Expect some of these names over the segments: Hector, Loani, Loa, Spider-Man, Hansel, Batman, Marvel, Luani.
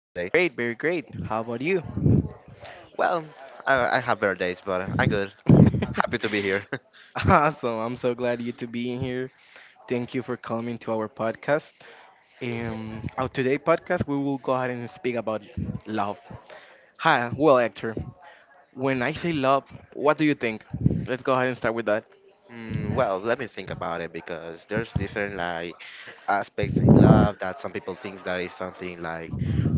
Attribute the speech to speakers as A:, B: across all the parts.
A: Very great, very great. How about you?
B: Well, I have better days, but I'm good. Happy to be here.
A: Awesome. I'm so glad you to be in here. Thank you for coming to our podcast. Our today podcast we will go ahead and speak about love. Hi, well Hector, when I say love, what do you think? Let's go ahead and start with that.
B: Well, let me think about it because there's different like aspects in love that some people think that is something like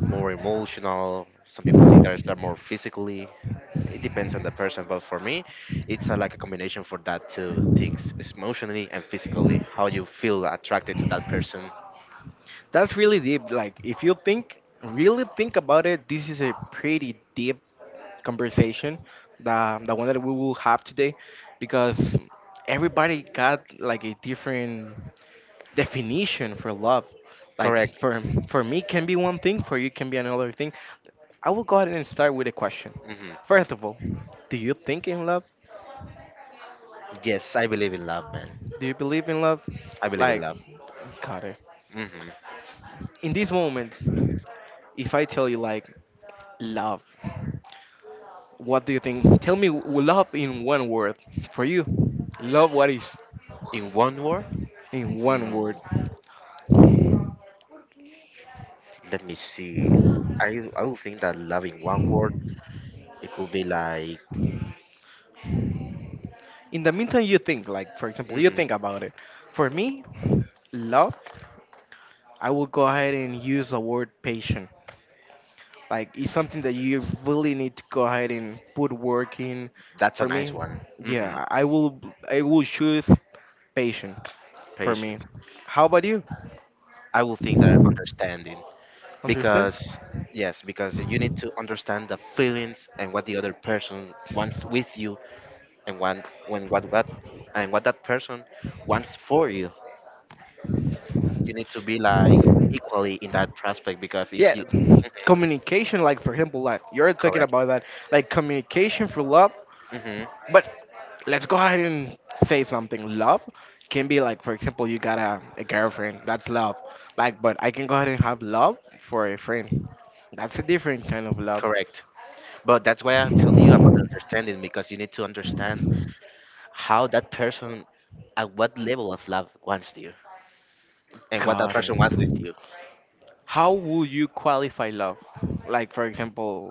B: more emotional. Some people think that it's that more physically. It depends on the person, but for me, it's like a combination for that two things: it's emotionally and physically. How you feel attracted to that person.
A: That's really deep. Like if you think really think about it, this is a pretty deep conversation, the one that we will have today, because everybody got like a different definition for love. Like
B: Correct.
A: for me can be one thing, for you can be another thing. I will go ahead and start with a question.
B: Hmm.
A: First of all, do you think in love?
B: Yes, I believe in love, man.
A: Do you believe in love?
B: I believe in
A: Like,
B: love.
A: got it.
B: Hmm.
A: In this moment, if I tell you like love, what do you think? Tell me love in one word for you. Love what is
B: In one word,
A: in one word.
B: mm, let me see. I would think that love in one word it could be like.
A: In the meantime, you think, like, for example, you
B: Hmm.
A: think about it. For me, love, I will go ahead and use the word patient. Like, it's something that you really need to go ahead and put work in.
B: That's a
A: For
B: nice
A: me,
B: one. Hmm.
A: yeah, I will choose patient for me.
B: Patience.
A: How about you?
B: I would think that understanding
A: Understand?
B: because yes, because you need to understand the feelings and what the other person wants with you and what when what and what that person wants for you. You need to be like equally in that prospect because if
A: Yeah,
B: you
A: communication, like, for example, like, you're talking
B: correct.
A: about that, like, communication for love.
B: Hmm.
A: But let's go ahead and say something. Love can be like, for example, you got a girlfriend. That's love. Like, but I can go ahead and have love for a friend. That's a different kind of love.
B: Correct. But that's why I'm telling you about understanding because you need to understand how that person at what level of love wants you and what that
A: Got it.
B: person wants with you.
A: How will you qualify love? Like, for example,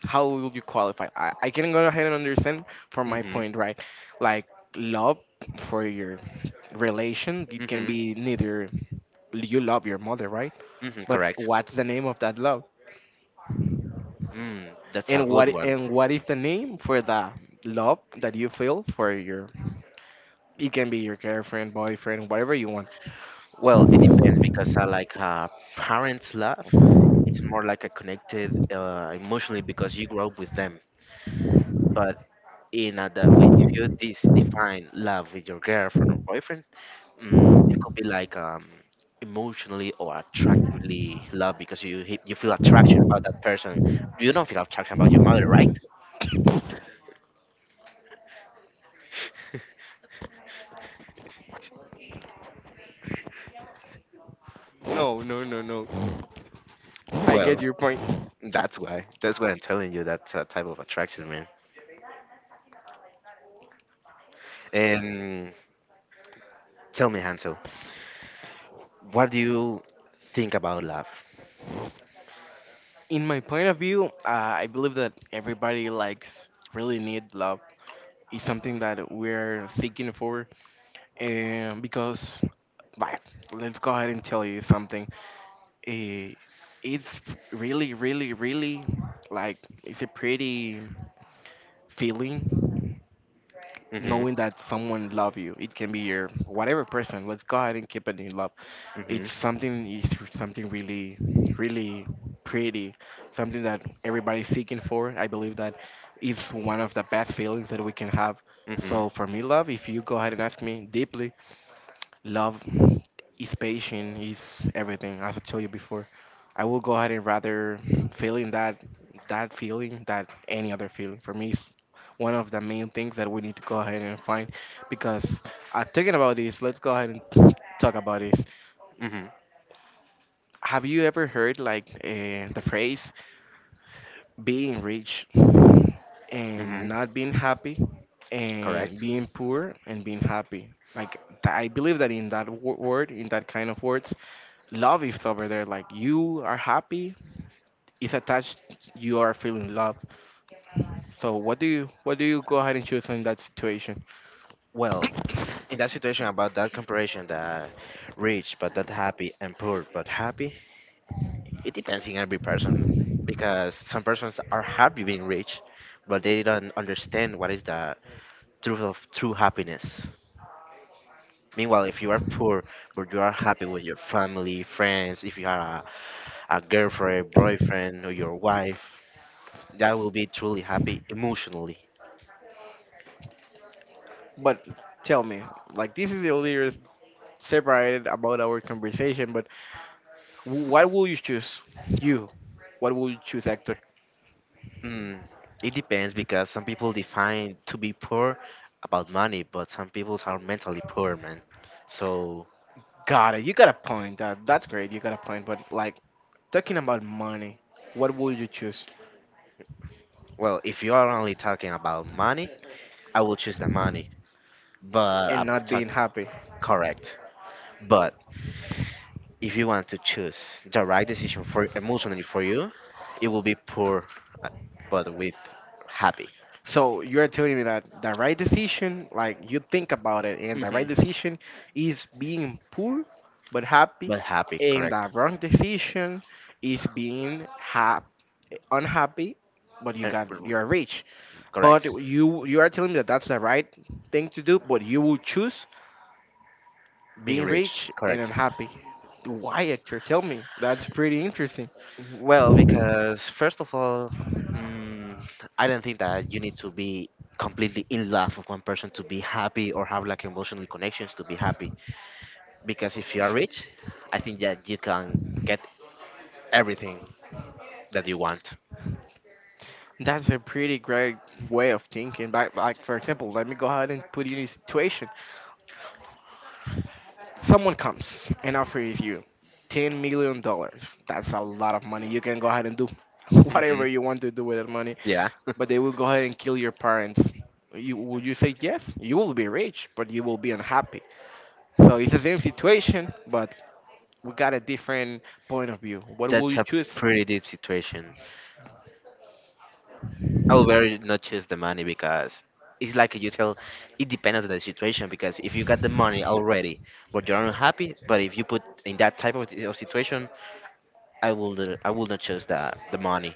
A: how will you qualify? I can go ahead and understand from my
B: Mhm.
A: point, right? Like, love for your relation, it can
B: Mhm.
A: be neither you love your mother, right?
B: Mhm.
A: But
B: Correct.
A: what's the name of that love?
B: That's a
A: And
B: good
A: what
B: one.
A: and what is the name for the love that you feel for your? It can be your girlfriend, boyfriend, whatever you want.
B: Well, it depends because I like parents' love. It's more like a connected emotionally because you grow up with them. But in that way, if you define love with your girlfriend or boyfriend, it could be like emotionally or attractively love because you you feel attraction about that person. You don't feel attraction about your mother, right?
A: No, no, no, no. I
B: Well,
A: get your point.
B: that's why. That's why I'm telling you that type of attraction, man. And tell me, Hansel, what do you think about love?
A: In my point of view, I believe that everybody likes really need love. It's something that we're seeking for, and because, like, let's go ahead and tell you something. Eh, it's really, really, really like it's a pretty feeling,
B: Mm-hmm.
A: knowing that someone love you. It can be your whatever person. Let's go ahead and keep it in love.
B: Mm-hmm.
A: It's something, is something really, really pretty, something that everybody's seeking for. I believe that is one of the best feelings that we can have.
B: Mm-hmm.
A: So for me, love, if you go ahead and ask me deeply, love is patient, is everything. As I told you before, I will go ahead and rather feeling that, that feeling, that any other feeling. For me, it's one of the main things that we need to go ahead and find. Because thinking about this, let's go ahead and talk about this.
B: Mm-hmm.
A: Have you ever heard like the phrase "being rich
B: Mm-hmm.
A: and not being happy" and
B: Correct.
A: being poor and being happy? Like I believe that in that word, in that kind of words, love is over there. Like, you are happy, it's attached, you are feeling love. So what do you go ahead and choose in that situation?
B: Well, in that situation about that comparison that rich but not happy and poor but happy, it depends on every person because some persons are happy being rich, but they don't understand what is the truth of true happiness. Meanwhile, if you are poor but you are happy with your family, friends, if you are a girlfriend, boyfriend, or your wife, that will be truly happy emotionally.
A: But tell me, like, this is a little separated about our conversation, but wh- what will you choose you what will you choose, Hector?
B: Mm, it depends because some people define to be poor about money, but some people are mentally poor, man. So,
A: Got it. You got a point. That's great. You got a point, but like, talking about money, what will you choose?
B: well, if you are only talking about money, I will choose the money, but
A: And
B: I'm
A: not being happy?
B: correct. But if you want to choose the right decision for emotionally for you, it will be poor, uh, but with happy.
A: So you are telling me that the right decision, like you think about it, and the right
B: Hmm.
A: decision is being poor but happy,
B: But happy,
A: and
B: correct.
A: the wrong decision is being hap unhappy, but
B: Uh, r- r-
A: you're rich. But
B: Correct.
A: you are telling me that that's the right thing to do, but you will choose
B: Being
A: being
B: rich,
A: rich and
B: correct.
A: unhappy. Why, actor? Tell me. That's pretty interesting.
B: Well, because first of all, mm, I don't think that you need to be completely in love with one person to be happy or have like emotional connections to be happy. Because if you are rich, I think that you can get everything that you want.
A: That's a pretty great way of thinking. like for example, let me go ahead and put you in a situation. Someone comes and offers you $10 million. That's a lot of money. You can go ahead and do whatever you want to do with that money,
B: Yeah.
A: but they will go ahead and kill your parents. You say yes? You will be rich, but you will be unhappy. So it's the same situation, but we got a different point of view. What will
B: That's
A: you
B: a
A: choose?
B: pretty deep situation. I would very not choose the money because it's like you tell, it depends on the situation. Because if you got the money already, but you're unhappy, but if you put in that type of situation, I will not choose the money.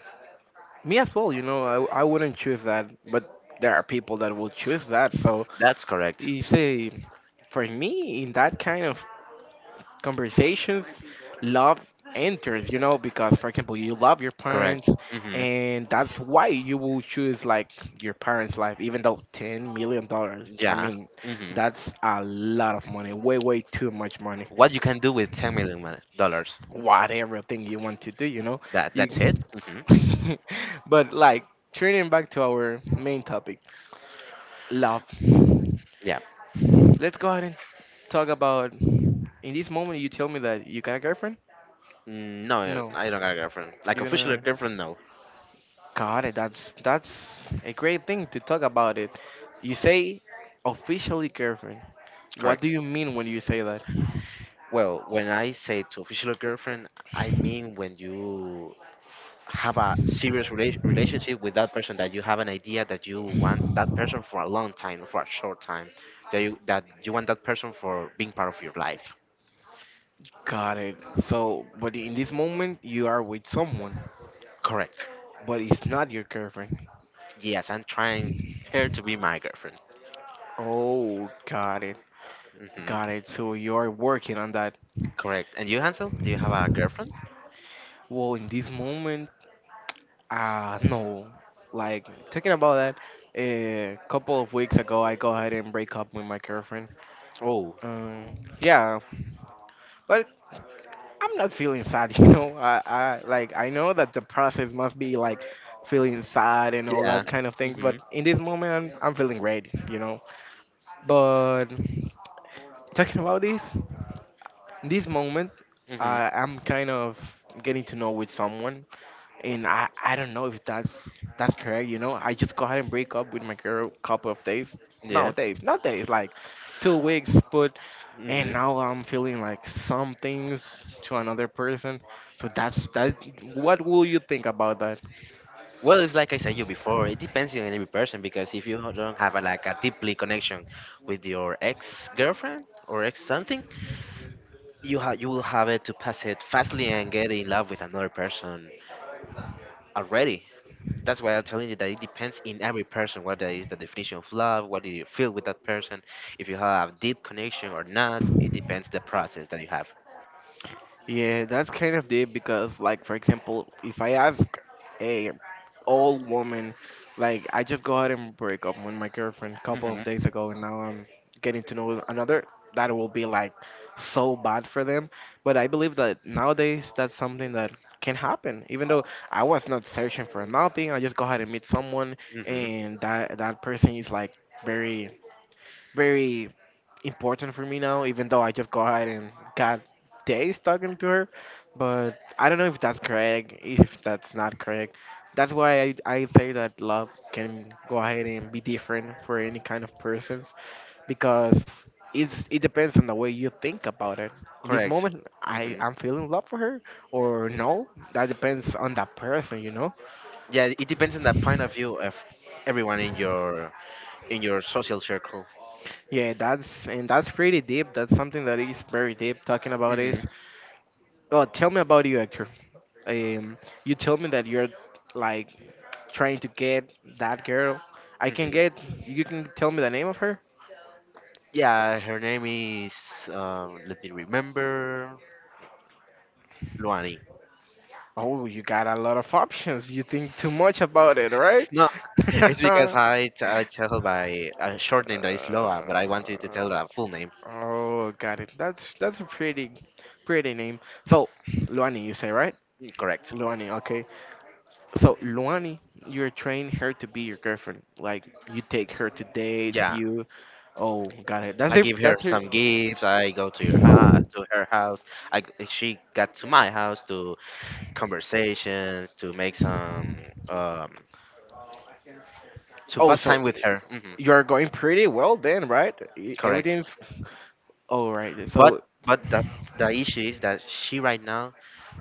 A: Me as well. You know, I wouldn't choose that, but there are people that will choose that. So
B: That's correct.
A: you say, for me, in that kind of conversations, love enters, you know, because, for example, you love your
B: Correct.
A: parents
B: Hmm.
A: and that's why you will choose like your parents' life, even though $10 million. I
B: Yeah.
A: mean,
B: Hmm.
A: that's a lot of money. Way, way too much money.
B: What you can do with 10 million dollars?
A: Whatever thing you want to do, you know.
B: That's
A: You
B: it. Hmm.
A: but like, turning back to our main topic, love.
B: Yeah.
A: Let's go ahead and talk about, in this moment you tell me that you got a girlfriend?
B: No,
A: No.
B: I don't got a girlfriend. Like,
A: You are
B: official
A: gonna
B: girlfriend, no.
A: Got it. that's a great thing to talk about it. You say officially girlfriend. What do
B: Correct.
A: you mean when you say that?
B: Well, when I say to official girlfriend, I mean when you have a serious relationship with that person, that you have an idea that you want that person for a long time, for a short time, that you want that person for being part of your life.
A: Got it. So, but in this moment you are with someone,
B: Correct.
A: but it's not your girlfriend.
B: Yes, I'm trying her to be my girlfriend.
A: Oh, got it.
B: Hmm.
A: Got it. So you are working on that.
B: Correct. And you, Hansel, do you have a girlfriend?
A: Well, in this moment, no. Like talking about that, a couple of weeks ago I go ahead and break up with my girlfriend.
B: Oh,
A: Yeah, but I'm not feeling sad, you know. I like I know that the process must be like feeling sad and all
B: yeah.
A: that kind of things, but
B: Hmm.
A: in this moment I'm feeling great, you know. But talking about this, this moment
B: Hmm.
A: I'm kind of getting to know with someone, and I don't know if that's correct, you know. I just go ahead and break up with my girl couple of days. No
B: Yeah.
A: days, not days, like 2 weeks, but and
B: Mm-hmm.
A: now I'm feeling like some things to another person. So that's that. What will you think about that?
B: Well, it's like I said you before. It depends on every person because if you don't have like a deeply connection with your ex girlfriend or ex something, you will have it to pass it fastly and get in love with another person already. That's why I'm telling you that it depends in every person what that is the definition of love, what do you feel with that person, if you have a deep connection or not. It depends the process that you have.
A: Yeah, that's kind of deep because, like, for example, if I ask, "Hey, old woman. Like, I just go out and break up with my girlfriend a couple of
B: Mhm.
A: days ago, and now I'm getting to know another." That will be like so bad for them. But I believe that nowadays that's something that can happen. Even though I was not searching for nothing, I just go ahead and meet someone,
B: Mhm.
A: and that that person is like very, very important for me now, even though I just go ahead and got days talking to her. But I don't know if that's correct, if that's not correct. That's why I say that love can go ahead and be different for any kind of persons, because it depends on the way you think about it. In this
B: Correct.
A: moment, I
B: Mhm.
A: am feeling love for her or no. That depends on that person, you know.
B: Yeah, it depends on the point of view of everyone in your social circle.
A: Yeah, that's and that's pretty deep. That's something that is very deep. Talking about
B: Hmm.
A: this. Well, tell me about you, Hector. um, you told me that you're like trying to get that girl. I can get.
B: Hmm.
A: You can tell me the name of her.
B: Yeah, her name is. Let me remember. Luani.
A: Oh, you got a lot of options. You think too much about it, right?
B: No, it's because I tell her by a short name that is Loa, but I wanted to
A: Uh,
B: tell her full name.
A: oh, got it. that's a pretty, pretty name. So, Luani, you say, right?
B: Correct.
A: Luani, okay. So, Luani, you're training her to be your girlfriend. Like, you take her to dates.
B: Yeah,
A: You, oh, got it. That's
B: I give
A: it.
B: her
A: That's her.
B: some gifts. I go to your house, to her house. She got to my house to conversations, to make some um to
A: Oh,
B: pass
A: so
B: time with her. Hmm.
A: you're going pretty well then, right?
B: Correct.
A: Everything's all right. So,
B: But but the issue is that she right now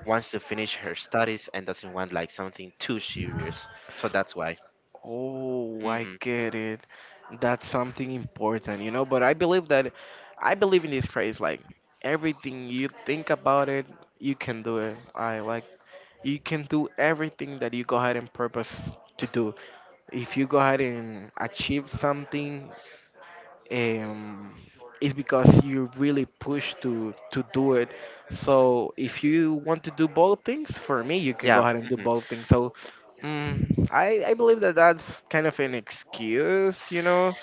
B: wants to finish her studies and doesn't want like something too serious. So that's why.
A: oh, I
B: Hmm.
A: get it. That's something important, you know. But I believe in this phrase like, everything you think about it, you can do it. I like, you can do everything that you go ahead and purpose to do. If you go ahead and achieve something, um, is because you really push to do it. So if you want to do bold things, for me, you can go
B: Yeah.
A: ahead and do
B: Hmm.
A: bold things. So I believe that that's kind of an excuse, you know.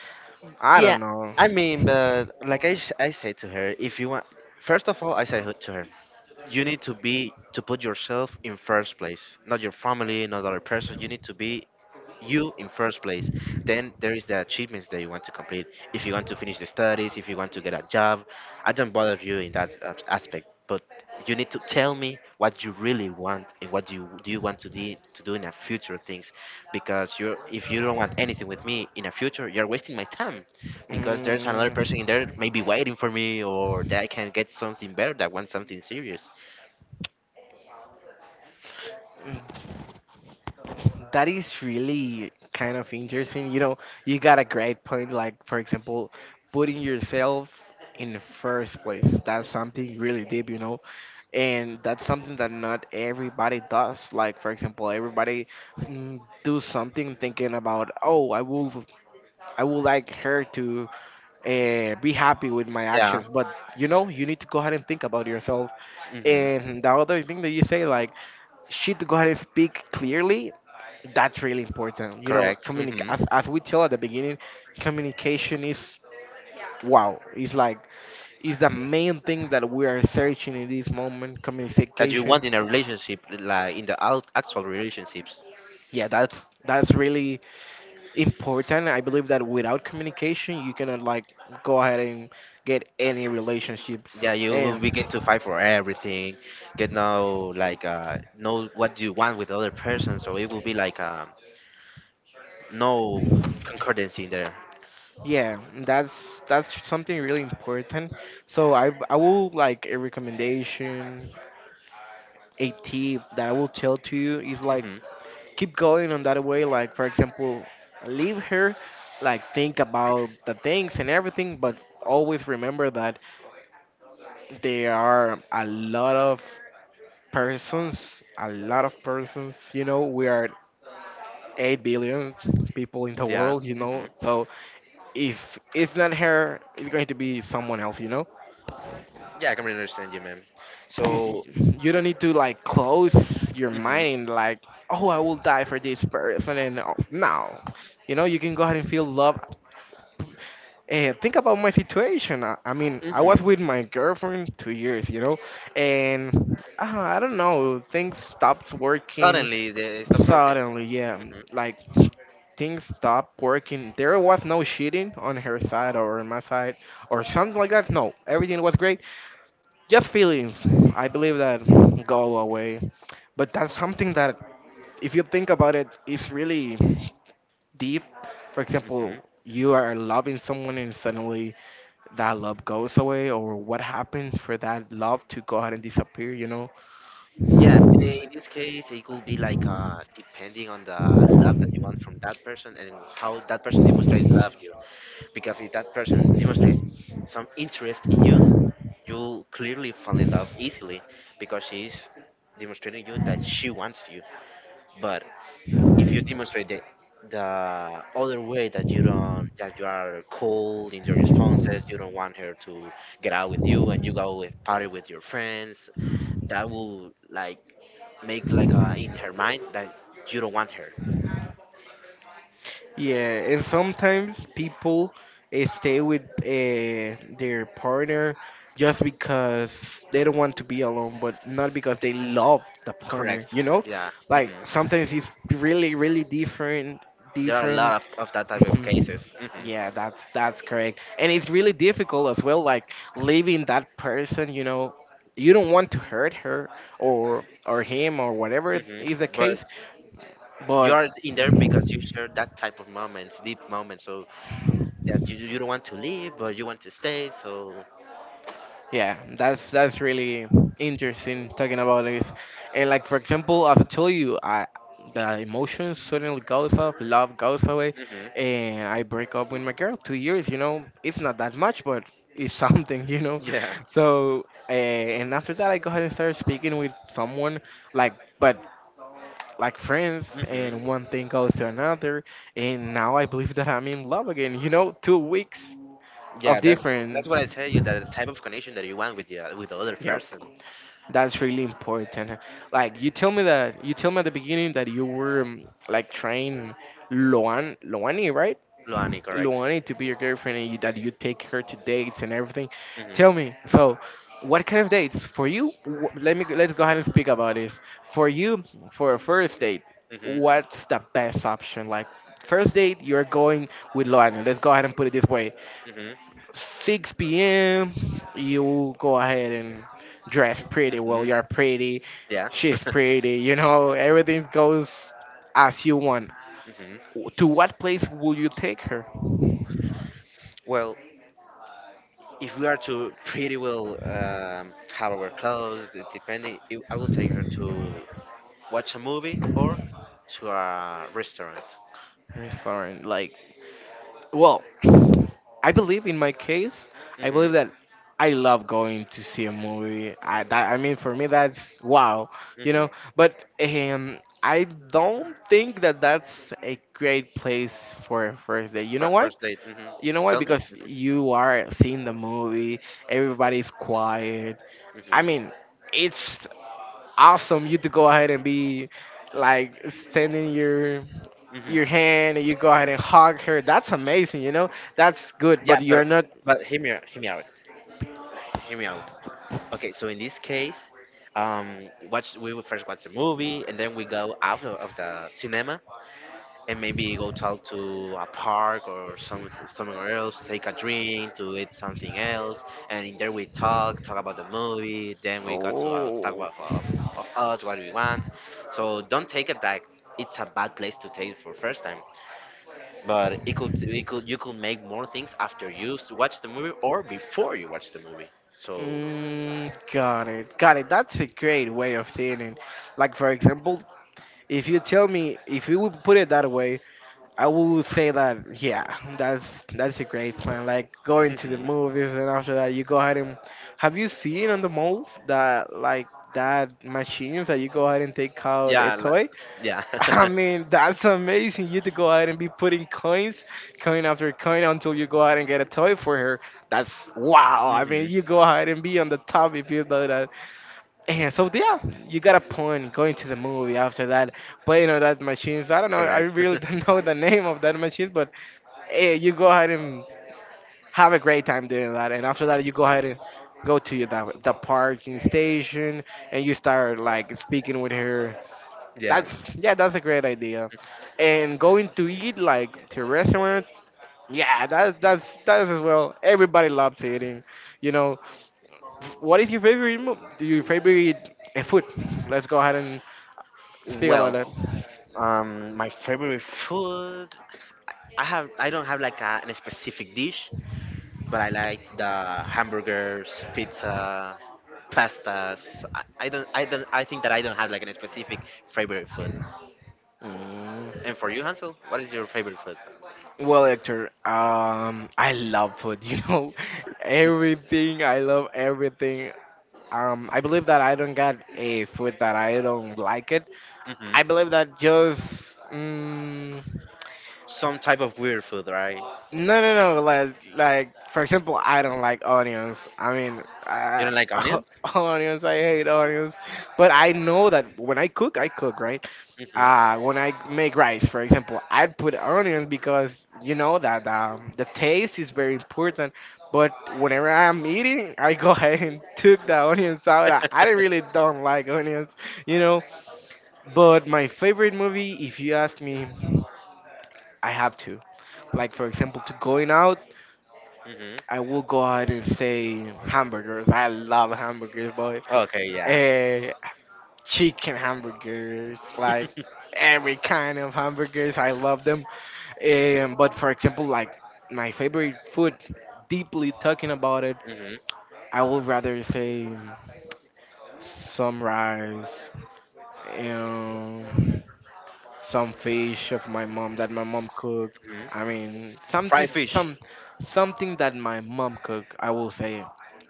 A: I
B: Yeah.
A: don't know.
B: I mean, but like I said to her, if you want, first of all, I said to her, you need to be to put yourself in first place, not your family, not other person. You need to be you in first place. Then there is the achievements that you want to complete. If you want to finish the studies, if you want to get a job, I don't bother you in that aspect. But you need to tell me what you really want and what you do you want to do in the future things, because you if you don't want anything with me in the future, you're wasting my time, because there's another person in
A: Mm,
B: there maybe waiting for me or that I can get something better that wants something serious.
A: that is really kind of interesting. You know, you got a great point. Like, for example, putting yourself in the first place. That's something really deep, you know. And that's something that not everybody does. Like, for example, everybody, mm, do something thinking about, oh, I will, I would like her to be happy with my
B: Yeah.
A: actions. But you know, you need to go ahead and think about yourself.
B: Hmm.
A: And the other thing that you say, like, she to go ahead and speak clearly, that's really important, you know.
B: Correct.
A: communic-
B: Mm-hmm.
A: as, as we tell at the beginning, communication is, wow, it's like, it's the main thing that we are searching in this moment,
B: That you
A: communication.
B: want in a relationship, like in the out, actual relationships.
A: Yeah, that's really important. I believe that without communication you cannot, like, go ahead and get any relationships.
B: Yeah, you will
A: And
B: begin to fight for everything, get know like know what you want with the other person, so it will be like no concordance in there.
A: yeah, that's something really important. So I will like a recommendation, a tip that I will tell to you is like,
B: Hmm.
A: keep going on that way. Like, for example, leave her, like, think about the things and everything. But always remember that there are a lot of persons, a lot of persons. You know, we are 8 billion people in the
B: Yeah.
A: world, you know.
B: Hmm.
A: So if it's not her, it's going to be someone else, you know.
B: Yeah, I can really understand you, man.
A: Y-
B: So.
A: You don't need to, like, close your
B: Hmm.
A: mind like, oh, I will die for this person. And oh, no, you know, you can go ahead and feel love. And think about my situation. I mean, I
B: Hmm.
A: was with my girlfriend 2 years, you know, and I don't know, things stopped working
B: Suddenly they stop working.
A: suddenly. Yeah, like, things stopped working. There was no cheating on her side or on my side or something like that. No, everything was great. Just feelings, I believe that, go away. But that's something that, if you think about it, is really deep. For
B: Hmm.
A: example,
B: Hmm.
A: you are loving someone, and suddenly that love goes away, or what happens for that love to go ahead and disappear, you know?
B: Yeah, in this case, it could be like depending on the love that you want from that person and how that person demonstrates love because if that person demonstrates some interest in you, you'll clearly fall in love easily because she's demonstrating you that she wants you. But if you demonstrate the other way that you don't that you are cold in your responses, you don't want her to get out with you and you go with party with your friends, that will like make like in her mind that you don't want her.
A: Yeah, and sometimes people stay with their partner just because they don't want to be alone, but not because they love the partner,
B: Correct.
A: you know?
B: Yeah.
A: Like,
B: Hmm.
A: sometimes it's really, really different,
B: There are a
A: different.
B: lot of that type of
A: Mhm.
B: cases. Hmm.
A: Yeah, that's correct. And it's really difficult as well, like, leaving that person, you know. You don't want to hurt her, or him, or whatever
B: Hmm.
A: is the
B: But
A: case,
B: you're
A: but.
B: in there because you share that type of moments, deep moments. So that you don't want to leave, but you want to stay. So.
A: Yeah, that's really interesting talking about this. And, like, for example, as I told you, I, the emotions suddenly goes off, love goes away,
B: Hmm.
A: and I break up with my girl. 2 years, you know, it's not that much, but it's something, you know.
B: Yeah.
A: So and after that, I go ahead and start speaking with someone, like, but like, friends, and
B: Hmm.
A: one thing goes to another, and now I believe that I'm in love again. You know, 2 weeks
B: Yeah.
A: of
B: That
A: difference.
B: that's what I tell you. That the type of connection that you want with the other
A: Yep.
B: person.
A: That's really important. Like, you tell me at the beginning that you were like, trying, Loani, right?
B: Luani, correct?
A: Loani to be your girlfriend, and you, that you take her to dates and everything. Tell
B: Hmm.
A: me, so what kind of dates for you? Let me, let's go ahead and speak about this. For you, for a first date,
B: Hmm.
A: what's the best option? Like, first date, you're going with Loani. Let's go ahead and put it this way.
B: Hmm.
A: 6 p.m. You go ahead and dress pretty. Well,
B: Hmm.
A: you're pretty.
B: Yeah.
A: She's pretty. You know, everything goes as you want.
B: Hmm.
A: To what place will you take her?
B: Well, if we are to pretty well have our clothes, depending, I will take her to watch a movie or to a restaurant.
A: Restaurant. Like, well, I believe in my case, I believe
B: Hmm.
A: that I love going to see a movie. I that, I mean, for me, that's wow, you
B: Hmm.
A: know. But I don't think that that's a great place for a first date. You
B: For
A: know why?
B: first date. Hmm.
A: You know why?
B: Tell me.
A: Because you are seeing the movie, everybody's quiet. I
B: Hmm.
A: mean, it's awesome, you to go ahead and be, like, extending
B: Hmm. Hmm.
A: your hand and you go ahead and hug her. That's amazing, you know? That's good, but
B: Yeah,
A: you're
B: but
A: not.
B: but hear me out. Hear me out. Okay, so in this case, um, watch we would first watch the movie, and then we go out of the cinema, and maybe go talk to a park or somewhere else, take a drink, to eat something else, and in there we talk about the movie. Then we got to talk
A: Oh.
B: about of us what we want. So don't take it like it's a bad place to take it for first time. But you could make more things after you watch the movie or before you watch the movie. So.
A: Mm, got it. Got it. That's a great way of seeing it. Like, for example, if you tell me, if you would put it that way, I would say that, yeah, that's that's a great plan. Like going to the
B: Mhm.
A: movies, and after that you go ahead and, have you seen on the malls that, like, that machines that you go ahead and take out a
B: yeah,
A: toy?
B: li- yeah.
A: I mean, that's amazing. You to go ahead and be putting coins, coin after coin, until you go ahead and get a toy for her. That's wow. I mean, you
B: Hmm.
A: go ahead and be on the top if you know that. And so, yeah, you got a point, going to the movie, after that, playing on that machines. I don't know, I
B: Correct.
A: really don't know the name of that machine, but you go ahead and have a great time doing that. And after that, you go ahead and go to the parking station, and you start, like, speaking with her.
B: Yeah.
A: That's, yeah, that's a great idea. And going to eat, like, to a restaurant. Yeah, that's as well. Everybody loves eating. You know, what is your favorite your favorite food? Let's go ahead and speak about
B: Well,
A: that.
B: my favorite food. I don't have like a specific dish, but I like the hamburgers, pizza, pastas. I don't. I don't. I think that I don't have like a specific favorite food.
A: Mm.
B: And for you, Hansel, what is your favorite food?
A: Well, Hector, I love food, you know, everything. I love everything. I believe that I don't get a food that I don't like it. I
B: Hmm.
A: believe that just. Mm.
B: Some type of weird food, right?
A: No, no, no. Like, for example, I don't like onions. I mean,
B: You don't like onions?
A: onions. I hate onions. But I know that when I cook right.
B: Hmm.
A: When I make rice, for example, I put onions because you know that the taste is very important. But whenever I'm eating, I go ahead and took the onions out. I really don't like onions, you know. But my favorite movie, if you ask me, I have to. Like, for example, to going out. I
B: Hmm.
A: will go out and say hamburgers. I love hamburgers, boy.
B: Okay, yeah.
A: Eh, chicken hamburgers, like,
B: Hmm.
A: every kind of hamburgers. I love them. But, for example, like, my favorite food, deeply talking about it, I would rather say some rice. Um, some fish of my mom, that my mom cook.
B: Hmm.
A: I mean, something,
B: Fried fish.
A: some something that my mom cook. I will say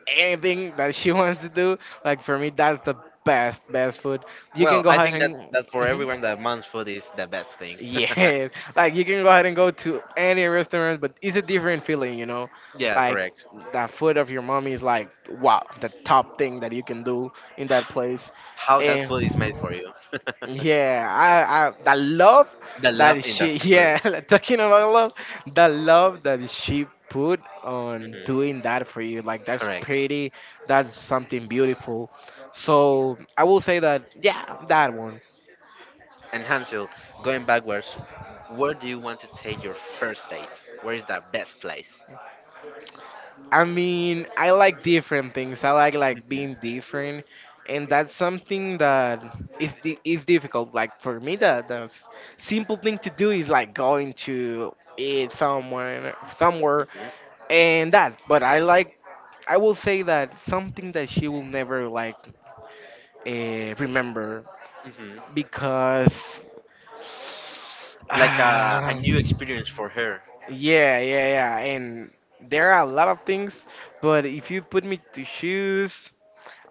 A: anything that she wants to do. Like, for me, that's the best food. You can
B: Well,
A: go
B: I
A: ahead
B: think that,
A: and.
B: that for
A: Mhm.
B: everyone that wants food is the best thing.
A: Yes, like, you can go ahead and go to any restaurant, but it's a different feeling, you know.
B: Yes,
A: Like,
B: correct.
A: the food of your mom is like, wow, the top thing that you can do in that place,
B: How that
A: and.
B: food is made for you.
A: Yeah, I the love
B: The love
A: that
B: in the
A: she
B: food.
A: yeah, talking about love, the love that she put on doing
B: Hmm.
A: that for you, like, that's
B: Correct.
A: pretty, that's something beautiful. So I will say that, yeah, that one.
B: And Hansel, going backwards, where do you want to take your first date? Where is the best place?
A: I mean, I like different things. I like,
B: Hmm.
A: being different, and that's something that is is difficult. Like, for me, the the simple thing to do is, like, going to eat somewhere somewhere, and that. But I like, I will say that something that she will never, like, remember
B: Hmm.
A: because
B: Like a new experience for her.
A: Yeah, yeah, yeah. And there are a lot of things, but if you put me to shoes,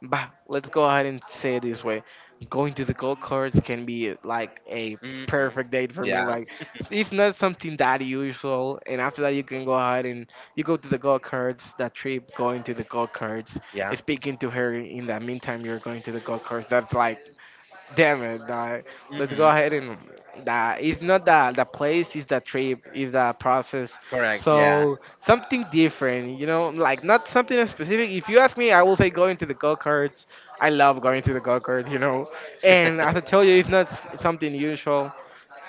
A: bah, let's go ahead and say it this way. Going to the golf course can be like a
B: Hmm.
A: perfect date for me.
B: Yeah.
A: Like, it's not something that usual. And after that you can go ahead, and you go to the golf course, that trip going to the golf course,
B: Yeah.
A: speaking to her in the meantime you're going to the golf course. That's like, damn it, dog. Let's go
B: Hmm.
A: ahead and, that it's not the place, it's the trip, it's the process.
B: Correct. Yeah.
A: So, something different, you know, like, not something specific. If you ask me, I will say going to the go-karts. I love going to the go-karts, you know. And as I tell you, it's not something usual.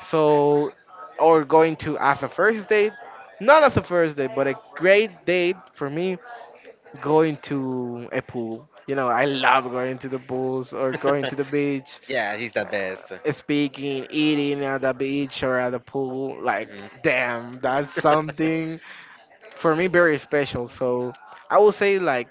A: So, or going to, as a first date, not as a first date, but a great date for me, going to a pool. You know, I love going to the pools, or going to the beach,
B: Yeah, he's the best.
A: speaking, eating at the beach or at the pool. Like,
B: Hmm.
A: damn, that's something for me very special. So, I would say, like,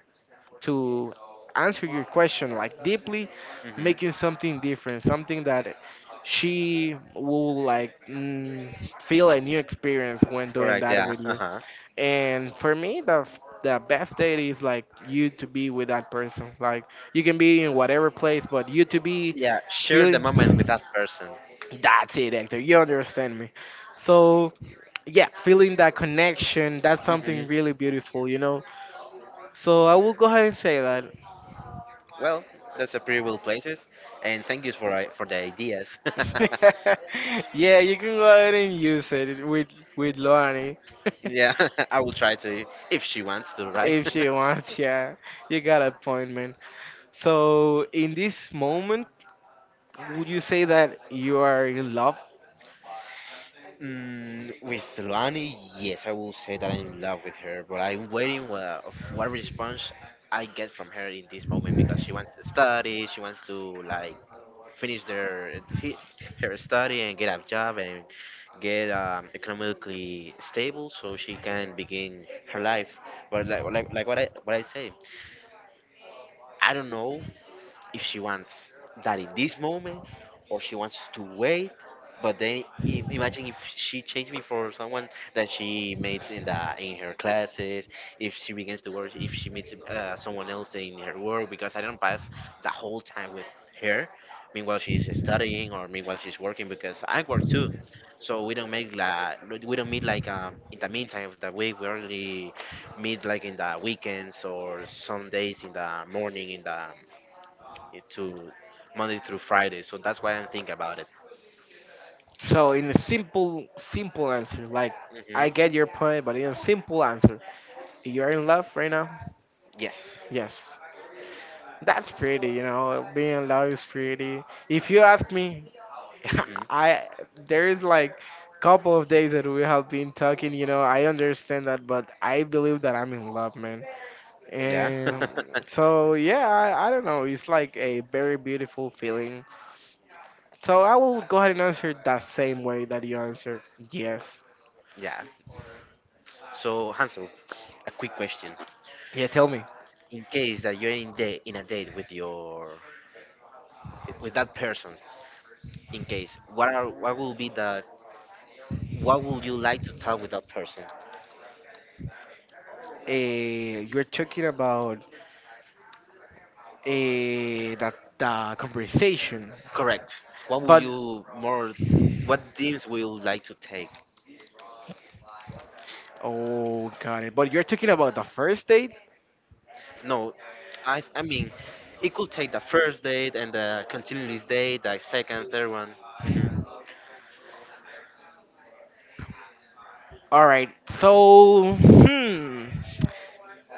A: to answer your question, like, deeply,
B: Hmm.
A: making something different, something that she will like, feel a new experience when doing
B: Correct.
A: that
B: Yeah.
A: with
B: Uh
A: you.
B: huh.
A: And for me, the the best date is like, you to be with that person. Like, you can be in whatever place, but you to be
B: Yeah. Share the moment
A: feeling.
B: with that person.
A: That's it, Hector. You understand me. So, yeah, feeling that connection, that's
B: Hmm.
A: something really beautiful, you know? So, I will go ahead and say that.
B: Well, that's a pretty cool places, and thank you for for the ideas.
A: Yeah, you can go ahead and use it with Loani.
B: Yeah, I will try to if she wants to,
A: If
B: right?
A: she wants, yeah. You got an appointment. So, in this moment, would you say that you are in love?
B: Mm, with Luani, yes, I will say that I'm in love with her, but I'm waiting of what response I get from her in this moment because she wants to study, she wants to like finish her study and get a job and get economically stable so she can begin her life. But like what I say, I don't know if she wants that in this moment or she wants to wait. But then imagine if she changed me for someone that she meets in her classes, if she begins to work, if she meets someone else in her work, because I don't pass the whole time with her. Meanwhile, she's studying or meanwhile she's working because I work too. So we don't make like we don't meet like in the meantime of the week. We only meet like in the weekends or some days in the morning in the it to Monday through Friday. So that's why I'm thinking about it.
A: So, in a simple answer, like, I get your
B: Hmm.
A: point, but in a simple answer, you're in love right now?
B: Yes.
A: Yes. That's pretty, you know, being in love is pretty. If you ask me,
B: Hmm.
A: I there is like couple of days that we have been talking, you know, I understand that, but I believe that I'm in love, man.
B: Yeah.
A: And so yeah, I don't know, it's like a very beautiful feeling. So I will go ahead and answer that same way that you answered. Yes.
B: Yeah. So Hansel, a quick question.
A: Yeah, tell me.
B: In case that you're in a date with that person, in case what are what will be the what would you like to tell with that person?
A: You're talking about that the conversation,
B: Correct. What will
A: but
B: you more? What themes will you like to take?
A: oh, got it. But you're talking about the first date.
B: No, I mean, it could take the first date and the continuous date, the second, third one. Mm-hmm.
A: All right. So, hmm.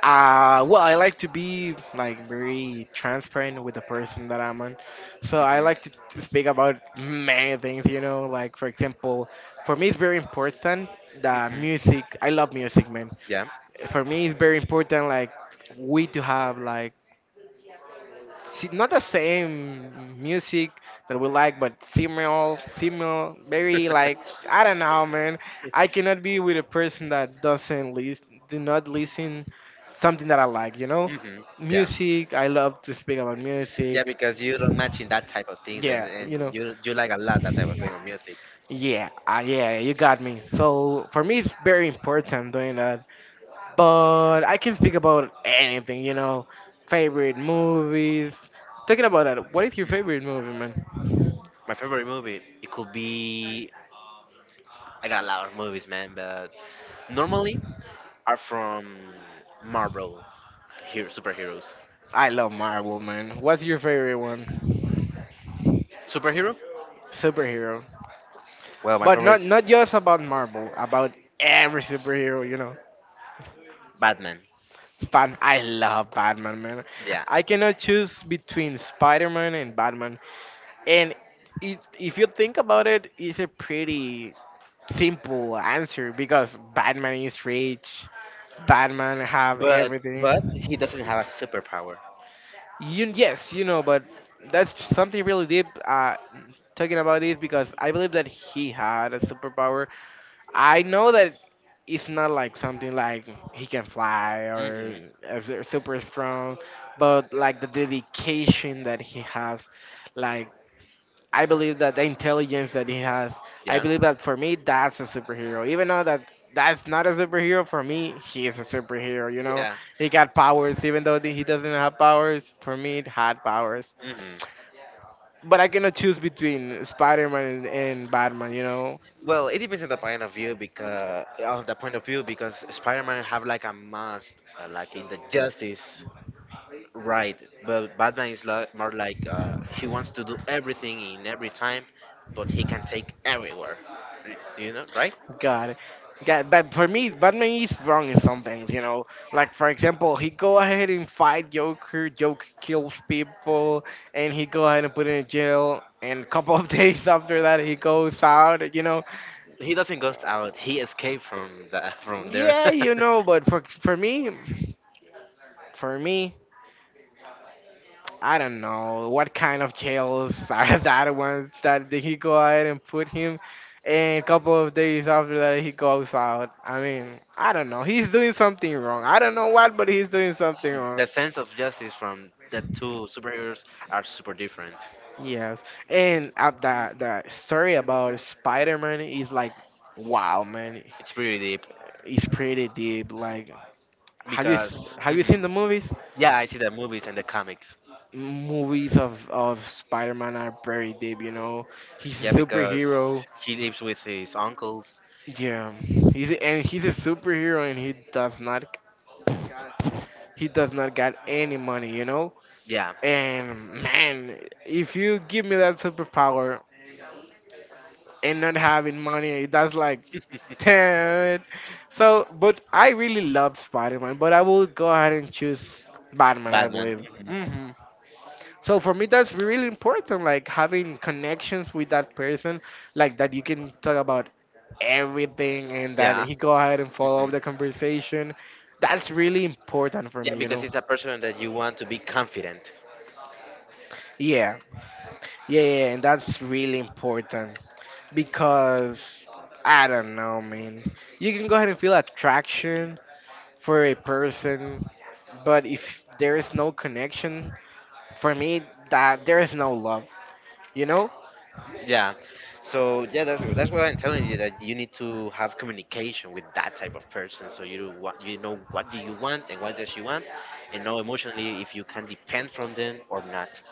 A: Well, I like to be like very transparent with the person that I'm on, so I like
B: Hmm.
A: to speak about many things. You know, like for example, for me it's very important the
B: Hmm.
A: music. I love music, man.
B: Yeah.
A: For me it's very important like we to have like not the same music that we like but similar very like I don't know, man. I cannot be with a person that doesn't listen, do not listen something that I like, you know.
B: Hmm. Yeah.
A: Music, I love to speak about
B: Yeah,
A: music.
B: because you don't match in that type of things,
A: Yeah, you know.
B: and you like a lot that type of thing of music.
A: Yeah, yeah, you got me. So for me it's very important doing that, but I can speak about anything, you know, favorite movies. Talking about that, what is your
B: Mm.
A: favorite movie, man?
B: My favorite movie, it could be. I got a lot of movies, man, but normally are from Marvel hero superheroes.
A: I love Marvel, man. What's your favorite one?
B: Superhero?
A: Superhero,
B: Well, my
A: but
B: favorite
A: not
B: is
A: not just about Marvel, about every superhero, you know.
B: Batman.
A: But I love Batman, man.
B: Yeah,
A: I cannot choose between Spider-Man and Batman, and it, if you think about it, it's a pretty simple answer because Batman is rich. Batman have
B: but
A: everything.
B: he doesn't have a superpower.
A: You, yes, you know, but that's something really deep. Talking about this because I believe that he had a superpower. I know that it's not like something like he can fly or
B: Hmm.
A: as super strong, but like the dedication that he has, like I believe that the intelligence that he has, I
B: Yeah.
A: believe that for me that's a superhero. Even though that that's not a superhero for me, he is a superhero. You know,
B: Yeah.
A: he got powers. Even though that he doesn't have powers, for me it had powers.
B: Hmm.
A: But I cannot choose between Spider-Man and Batman. You know,
B: Well, it depends on the point of view because of the point of view because Spider-Man have like a must, like in the justice, right? But Batman is like, more like he wants to do everything in every time, but he can take everywhere, you know, right?
A: God, God, but for me, Batman is wrong in some things, you know. Like for example, he go ahead and fight Joker. Joker kills people, and he go ahead and put in jail. And a couple of days after that, he goes out. You know,
B: He doesn't go out; he escaped from the from there.
A: yeah, you know. But for me, for me, I don't know what kind of jails are that ones that he go ahead and put him. And a couple of days after that, he goes out. I mean, I don't know. He's doing something wrong. I don't know what, but he's doing something wrong.
B: The sense of justice from the two superheroes are super different.
A: Yes, and the story about Spider Man is like, wow, man,
B: It's pretty deep
A: it's pretty deep. Like,
B: because,
A: have you
B: mhm.
A: seen the movies?
B: Yeah, I see the movies and the comics.
A: Movies of Spider Man are very deep. You know, he's
B: Yeah,
A: a
B: because
A: superhero.
B: he lives with his uncles.
A: Yeah, he's a, and he's a superhero, and he does not got any money, you know.
B: Yeah,
A: And man, if you give me that superpower and not having money, that's like, damn. So, but I really love Spider-Man, but I will go ahead and choose Batman, I
B: Batman.
A: believe.
B: Mhm.
A: Hmm. So for me, that's really important, like having connections with that person, like that you can talk about everything and that
B: Yeah.
A: he go ahead and follow up
B: Mhm.
A: the conversation. That's really important for
B: Yeah,
A: me, you
B: because
A: know.
B: it's a person that you want to be confident.
A: Yeah, yeah, and that's really important because I don't know, man. You can go ahead and feel attraction for a person, but if there is no connection, for me, that there is no love, you know.
B: Yeah. So yeah, that's why I'm telling you that you need to have communication with that type of person, so you do what you know what do you want and what does she want, and know emotionally if you can depend from them or not.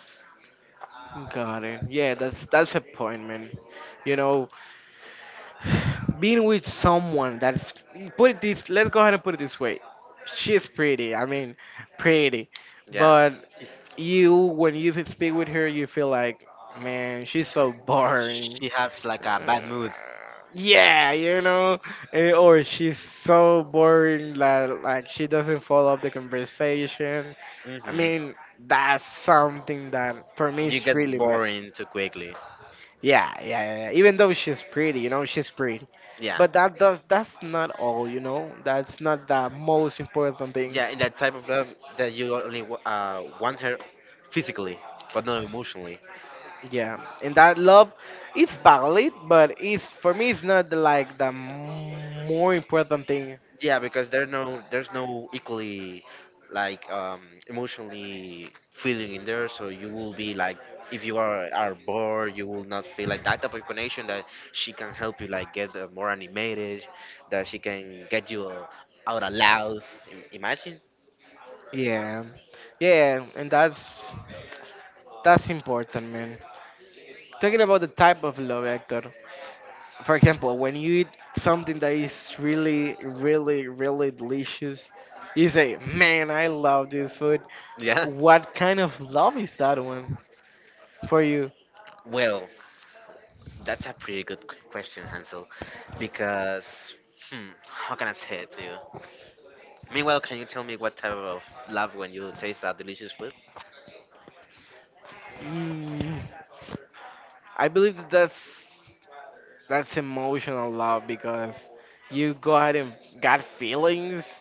A: Got it. Yeah, that's a point, man. You know, being with someone that's put it this. Let's go ahead and put it this way. She's pretty. I mean, pretty.
B: Yeah.
A: But you, when you speak with her, you feel like, man, she's so boring.
B: She has
A: Uh,
B: like a bad mood.
A: yeah, you know, eh, or she's so boring that like she doesn't follow up the conversation. I
B: Hmm.
A: mean, that's something that for me
B: You
A: is
B: get
A: really bad.
B: boring too quickly.
A: Yeah. Even though she's pretty, you know, she's pretty.
B: Yeah.
A: But that's not all, you know. That's not the most important thing.
B: Yeah, in that type of love that you only want her physically, but not emotionally.
A: Yeah. And that love it's valid, but it's for me it's not the, like the more important thing.
B: Yeah, because there's no equally like emotionally feeling in there, so you will be like if you are bored, you will not feel like that type of connection that she can help you like get more animated, that she can get you out of loud. Imagine.
A: Yeah. Yeah, and that's important, man. Talking about the type of love, Hector. For example, when you eat something that is really, really, really delicious, you say, "Man, I love this food."
B: Yeah.
A: What kind of love is that one for you?
B: Well, that's a pretty good question, Hansel, because how can I say it to you? Meanwhile, can you tell me what type of love when you taste that delicious food?
A: Mm, I believe that that's emotional love because you go ahead and got feelings.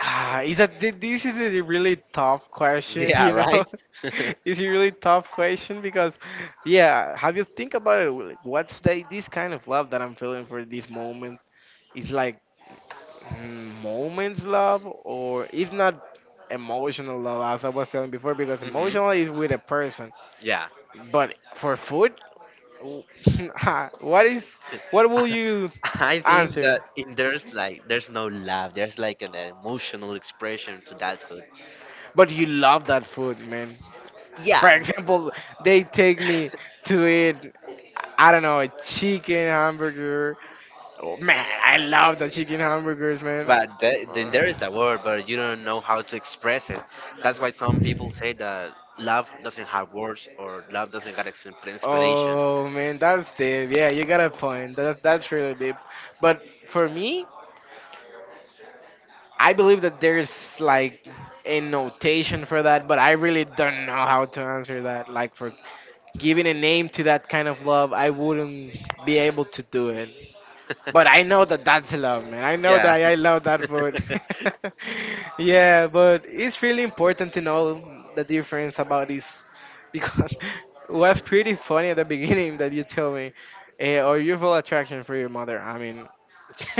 A: Ah, is that this is a really tough question,
B: Yeah,
A: you know?
B: right?
A: It's a really tough question because, yeah, have you think about it? Like, what's the, this kind of love that I'm feeling for this moment? It's like mm, moments love, or it's not emotional love as I was telling before because
B: Hmm.
A: emotional is with a person,
B: Yeah.
A: but for food, w- what is what will you
B: I think that
A: answer?
B: in there's like there's no love. There's like an emotional expression to that food.
A: But you love that food, man. For
B: Yeah,
A: example, they take me to eat, I don't know, a chicken hamburger. Oh, man, I love the chicken hamburgers, man.
B: but then there is the word, but you don't know how to express it. That's why some people say that love doesn't have words or love doesn't got an explanation.
A: Oh man, that's deep. Yeah, you got a point. That's really deep. But for me, I believe that there's like a notation for that, but I really don't know how to answer that. Like for giving a name to that kind of love, I wouldn't be able to do it. But I know that that's love, man. I know
B: Yeah,
A: that I love that food. Yeah, but it's really important to know the difference about this because it was pretty funny at the beginning that you told me, eh, or you feel attraction for your mother. I mean,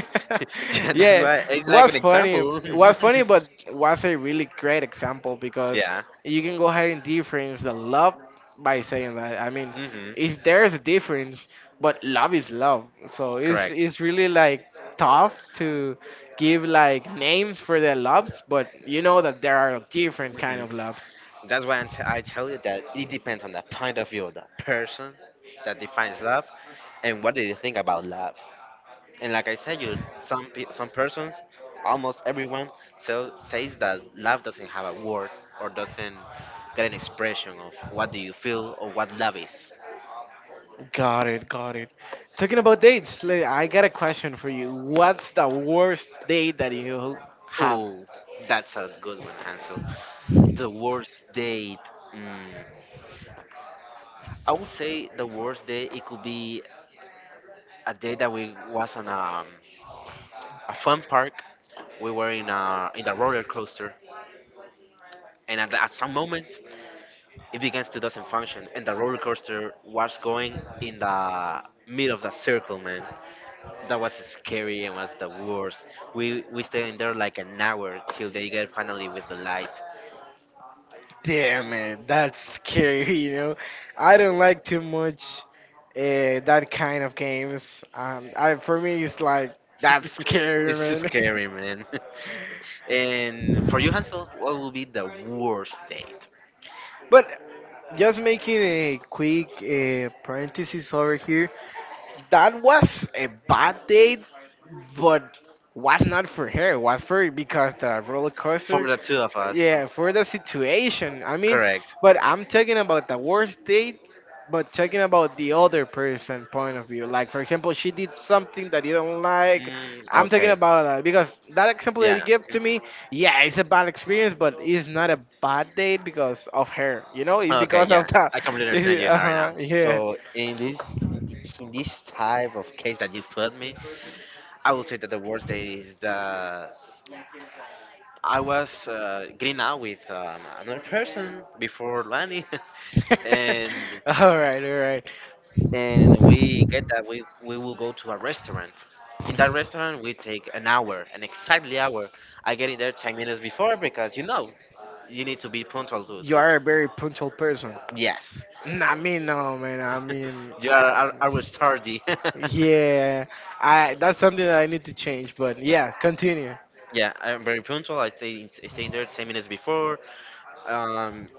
B: yeah. That's
A: yeah,
B: why
A: it
B: it's like
A: was
B: an
A: funny.
B: example.
A: It was funny, but was a really great example because
B: Yeah.
A: you can go ahead and difference the love by saying that. I mean, if there's a difference, but love is love. So
B: Correct.
A: it's really like tough to give like names for their loves, but you know that there are different kind
B: Hmm.
A: of loves.
B: That's why I tell you that it depends on the point of view of that person that defines love and what they think about love. And like I said, you some some persons, almost everyone, so says that love doesn't have a word or doesn't get an expression of what do you feel or what love is.
A: Got it, got it. Talking about dates, like, I got a question for you. What's the worst date that you have
B: Oh, that's a good one, Hansel. The worst date. Mm. I would say the worst date it could be a day that we was on a fun park. We were in a roller coaster, and at some moment it begins to doesn't function, and the roller coaster was going in the middle of the circle, man. That was scary and was the worst. We stayed in there like an hour till they get finally with the light.
A: Damn it, that's scary, you know. I don't like too much that kind of games. I for me it's like that's scary,
B: It's
A: man.
B: scary, man. And for you, Hansel, what will be the worst date
A: But just making a quick parenthesis over here, that was a bad date, but was not for her. Was for because the roller
B: for
A: coaster.
B: the two of us?
A: Yeah, for the situation. I mean,
B: Correct.
A: but I'm talking about the worst date, but talking about the other person point of view. Like, for example, she did something that you don't like.
B: Mm,
A: I'm talking
B: okay,
A: about that because that example that you
B: yeah.
A: give to
B: Mhm.
A: me, yeah, it's a bad experience, but it's not a bad date because of her. You know, it's
B: Okay,
A: because of
B: yeah.
A: that.
B: I completely understand you
A: Uh
B: now right now.
A: huh. Yeah.
B: So in this in, in this type of case that you put me, I would say that the worst day is the I was getting out with another person before Lani, and
A: All right. All right.
B: and we get that we will go to a restaurant. In that restaurant, we take an hour, an exactly hour. I get in there 10 minutes before because you know you need to be punctual to
A: You
B: to.
A: are a very punctual person.
B: Yes.
A: N- I mean, no, man. I mean,
B: You are
A: I,
B: always tardy.
A: yeah, I that's something that I need to change. But yeah, continue.
B: Yeah, I'm very punctual. I stay there 10 minutes before. Um,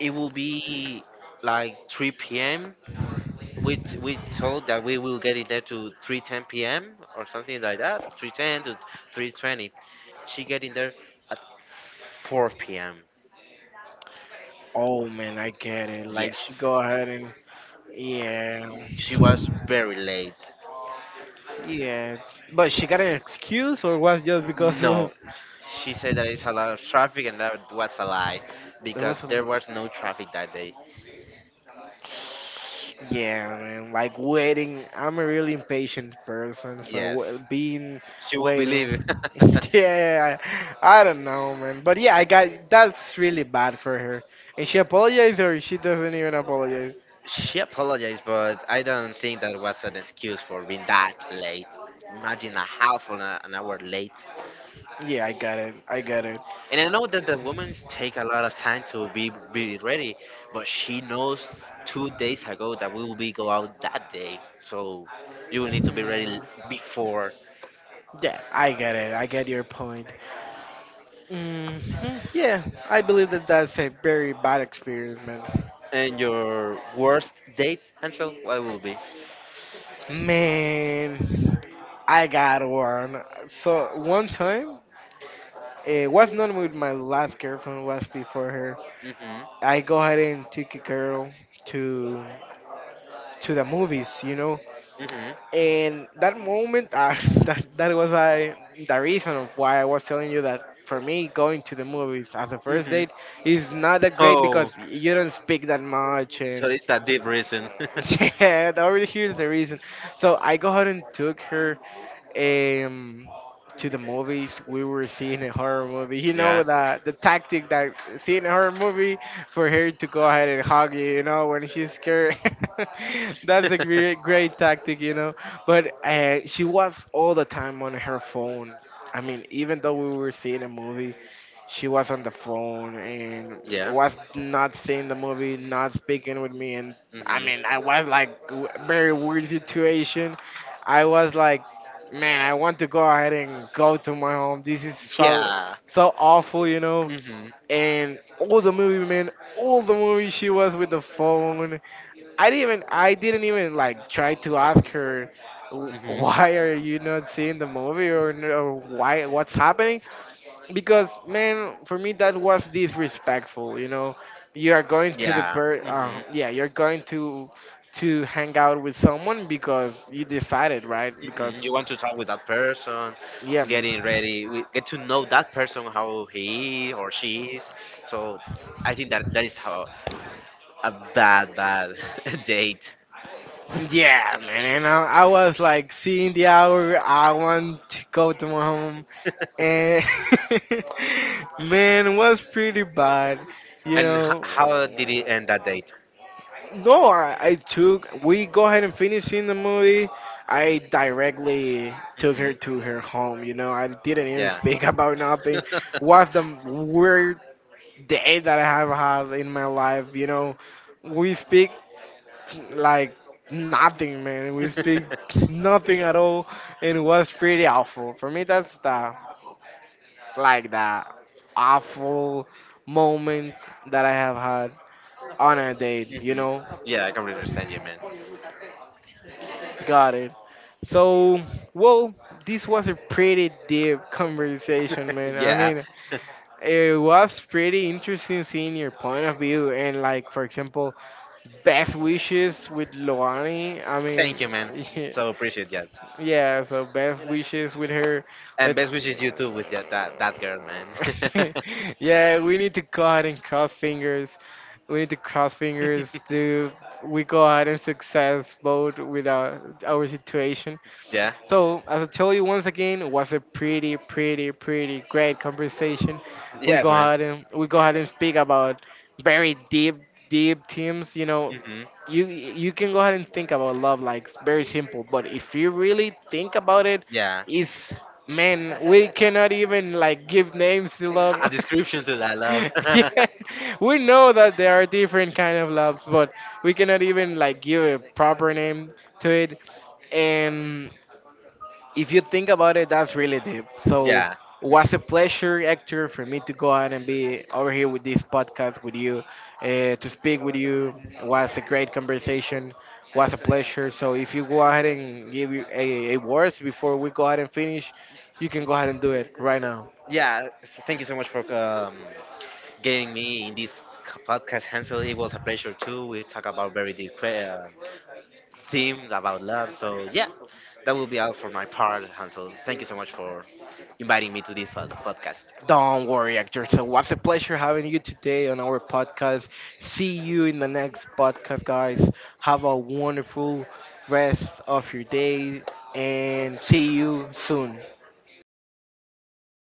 B: it will be like 3 p.m. We told that we will get it there to 3:10 p.m. or something like that. 3:10 to 3:20. She get in there at 4 p.m.
A: Oh man, I get it. Like she go
B: Yes,
A: ahead and yeah,
B: she was very late.
A: yeah. But she got an excuse, or was just because of
B: No, she said that it's a lot of traffic, and that was a lie
A: there was
B: because
A: a li-
B: there was no traffic that day.
A: yeah man like waiting. I'm a really impatient person, so wa-
B: Yes,
A: being
B: she will
A: waiting.
B: believe.
A: Yeah, I don't know, man. But yeah, I got that's really bad for her. And she apologized, or she doesn't even apologize.
B: She apologized, but I don't think that was an excuse for being that late. Imagine a half an hour late.
A: Yeah, I got it. I got it.
B: And I know that the women take a lot of time to be ready, but she knows 2 days ago that we will be go out that day, so you will need to be ready
A: Mm,
B: before.
A: yeah, I get it. I get your point. Hmm. Yeah, I believe that that's a very bad experience, man.
B: And your worst date, Ansel, what will be?
A: Man, I got one. So one time, it was not with my last girlfriend. Was before her.
B: Mhm,
A: I go ahead and took a girl to to the movies, you know,
B: mhm,
A: and that moment, that was I the reason of why I was telling you that for me, going to the movies as a first
B: mhm.
A: date is not that great
B: Oh,
A: because you don't speak that much.
B: so
A: And
B: it's that deep reason.
A: yeah, that already here's the reason. So I go ahead and took her um, to the movies. We were seeing a horror movie. You know
B: Yeah.
A: the tactic that seeing a horror movie for her to go ahead and hug you. You know when she's scared. That's a great tactic. You know, but she was all the time on her phone. I mean, even though we were seeing a movie. She was on the phone and
B: Yeah.
A: was not seeing the movie, not speaking with me, and I mean,
B: Mm-hmm.
A: I was like w- very weird situation. I was like, man, I want to go ahead and go to my home. This is so
B: Yeah.
A: so awful, you know.
B: Mm-hmm.
A: And all the movie, man, all the movie she was with the phone. I didn't even like try to ask her, "Wh-
B: Mm-hmm.
A: why are you not seeing the movie, or n- or why what's happening?" Because man, for me that was disrespectful, you know. You are going to the
B: Yeah.
A: per
B: Mm-hmm.
A: yeah, you're going to hang out with someone because you decided, right?
B: Hmm.
A: Because
B: You want to talk with that person,
A: yeah, man.
B: getting ready, we get to know that person how he or she is. So I think that that is how a bad date.
A: Yeah, man. And I was like seeing the hour. I want to go to my home, and man, it was pretty bad. You
B: And
A: know,
B: how did it end that date?
A: no, I took. We go ahead and finish in the movie. I directly took her
B: Hmm.
A: to her home. You know, I didn't even
B: Yeah.
A: speak about nothing. Was the weird day that I have had in my life. You know, we speak like nothing, man. We
B: Hmm.
A: speak nothing at all, and it was pretty awful for me. That's the like the awful moment that I have had on a date. You know,
B: Yeah, I can completely understand you, man.
A: got it. So, well, this was a pretty deep conversation, man. I
B: Yeah.
A: mean, it was pretty interesting seeing your point of view and, like, for example, best wishes with Loani. I
B: Thank
A: mean,
B: you, man.
A: yeah,
B: So appreciate that.
A: yeah, so best wishes with her.
B: And
A: Let's.
B: best wishes you too with that girl, man.
A: Yeah, we need to go ahead and cross fingers. We need to cross fingers to we go ahead and success both with our situation.
B: Yeah.
A: So as I told you once again, it was a pretty, pretty, pretty great conversation.
B: Yes, man.
A: We go ahead and speak about very deep, deep teams. You know,
B: Hmm.
A: you can go ahead and think about love like it's very simple, but if you really think about it,
B: Yeah.
A: it's man, we cannot even like give names to love.
B: A description to that love.
A: Yeah, we know that there are different kind of loves, but we cannot even like give a proper name to it, and if you think about it, that's really deep. So,
B: Yeah.
A: was
B: Mhm.
A: a pleasure, Hector, for me to go out and be over here with this podcast with you, to speak with you. Was a great conversation. Was a pleasure. So, if you go ahead and give you a words before we go ahead and finish, you can go ahead and do it right now.
B: Yeah. So thank you so much for getting me in this podcast, Hansel. It was a pleasure too. We talk about very deep theme about love. So yeah, that will be all for my part, Hansel. Thank you so much for inviting me to this podcast.
A: Don't worry, actor. So, what's a pleasure having you today on our podcast. See you in the next podcast, guys. Have a wonderful rest of your day and see you soon.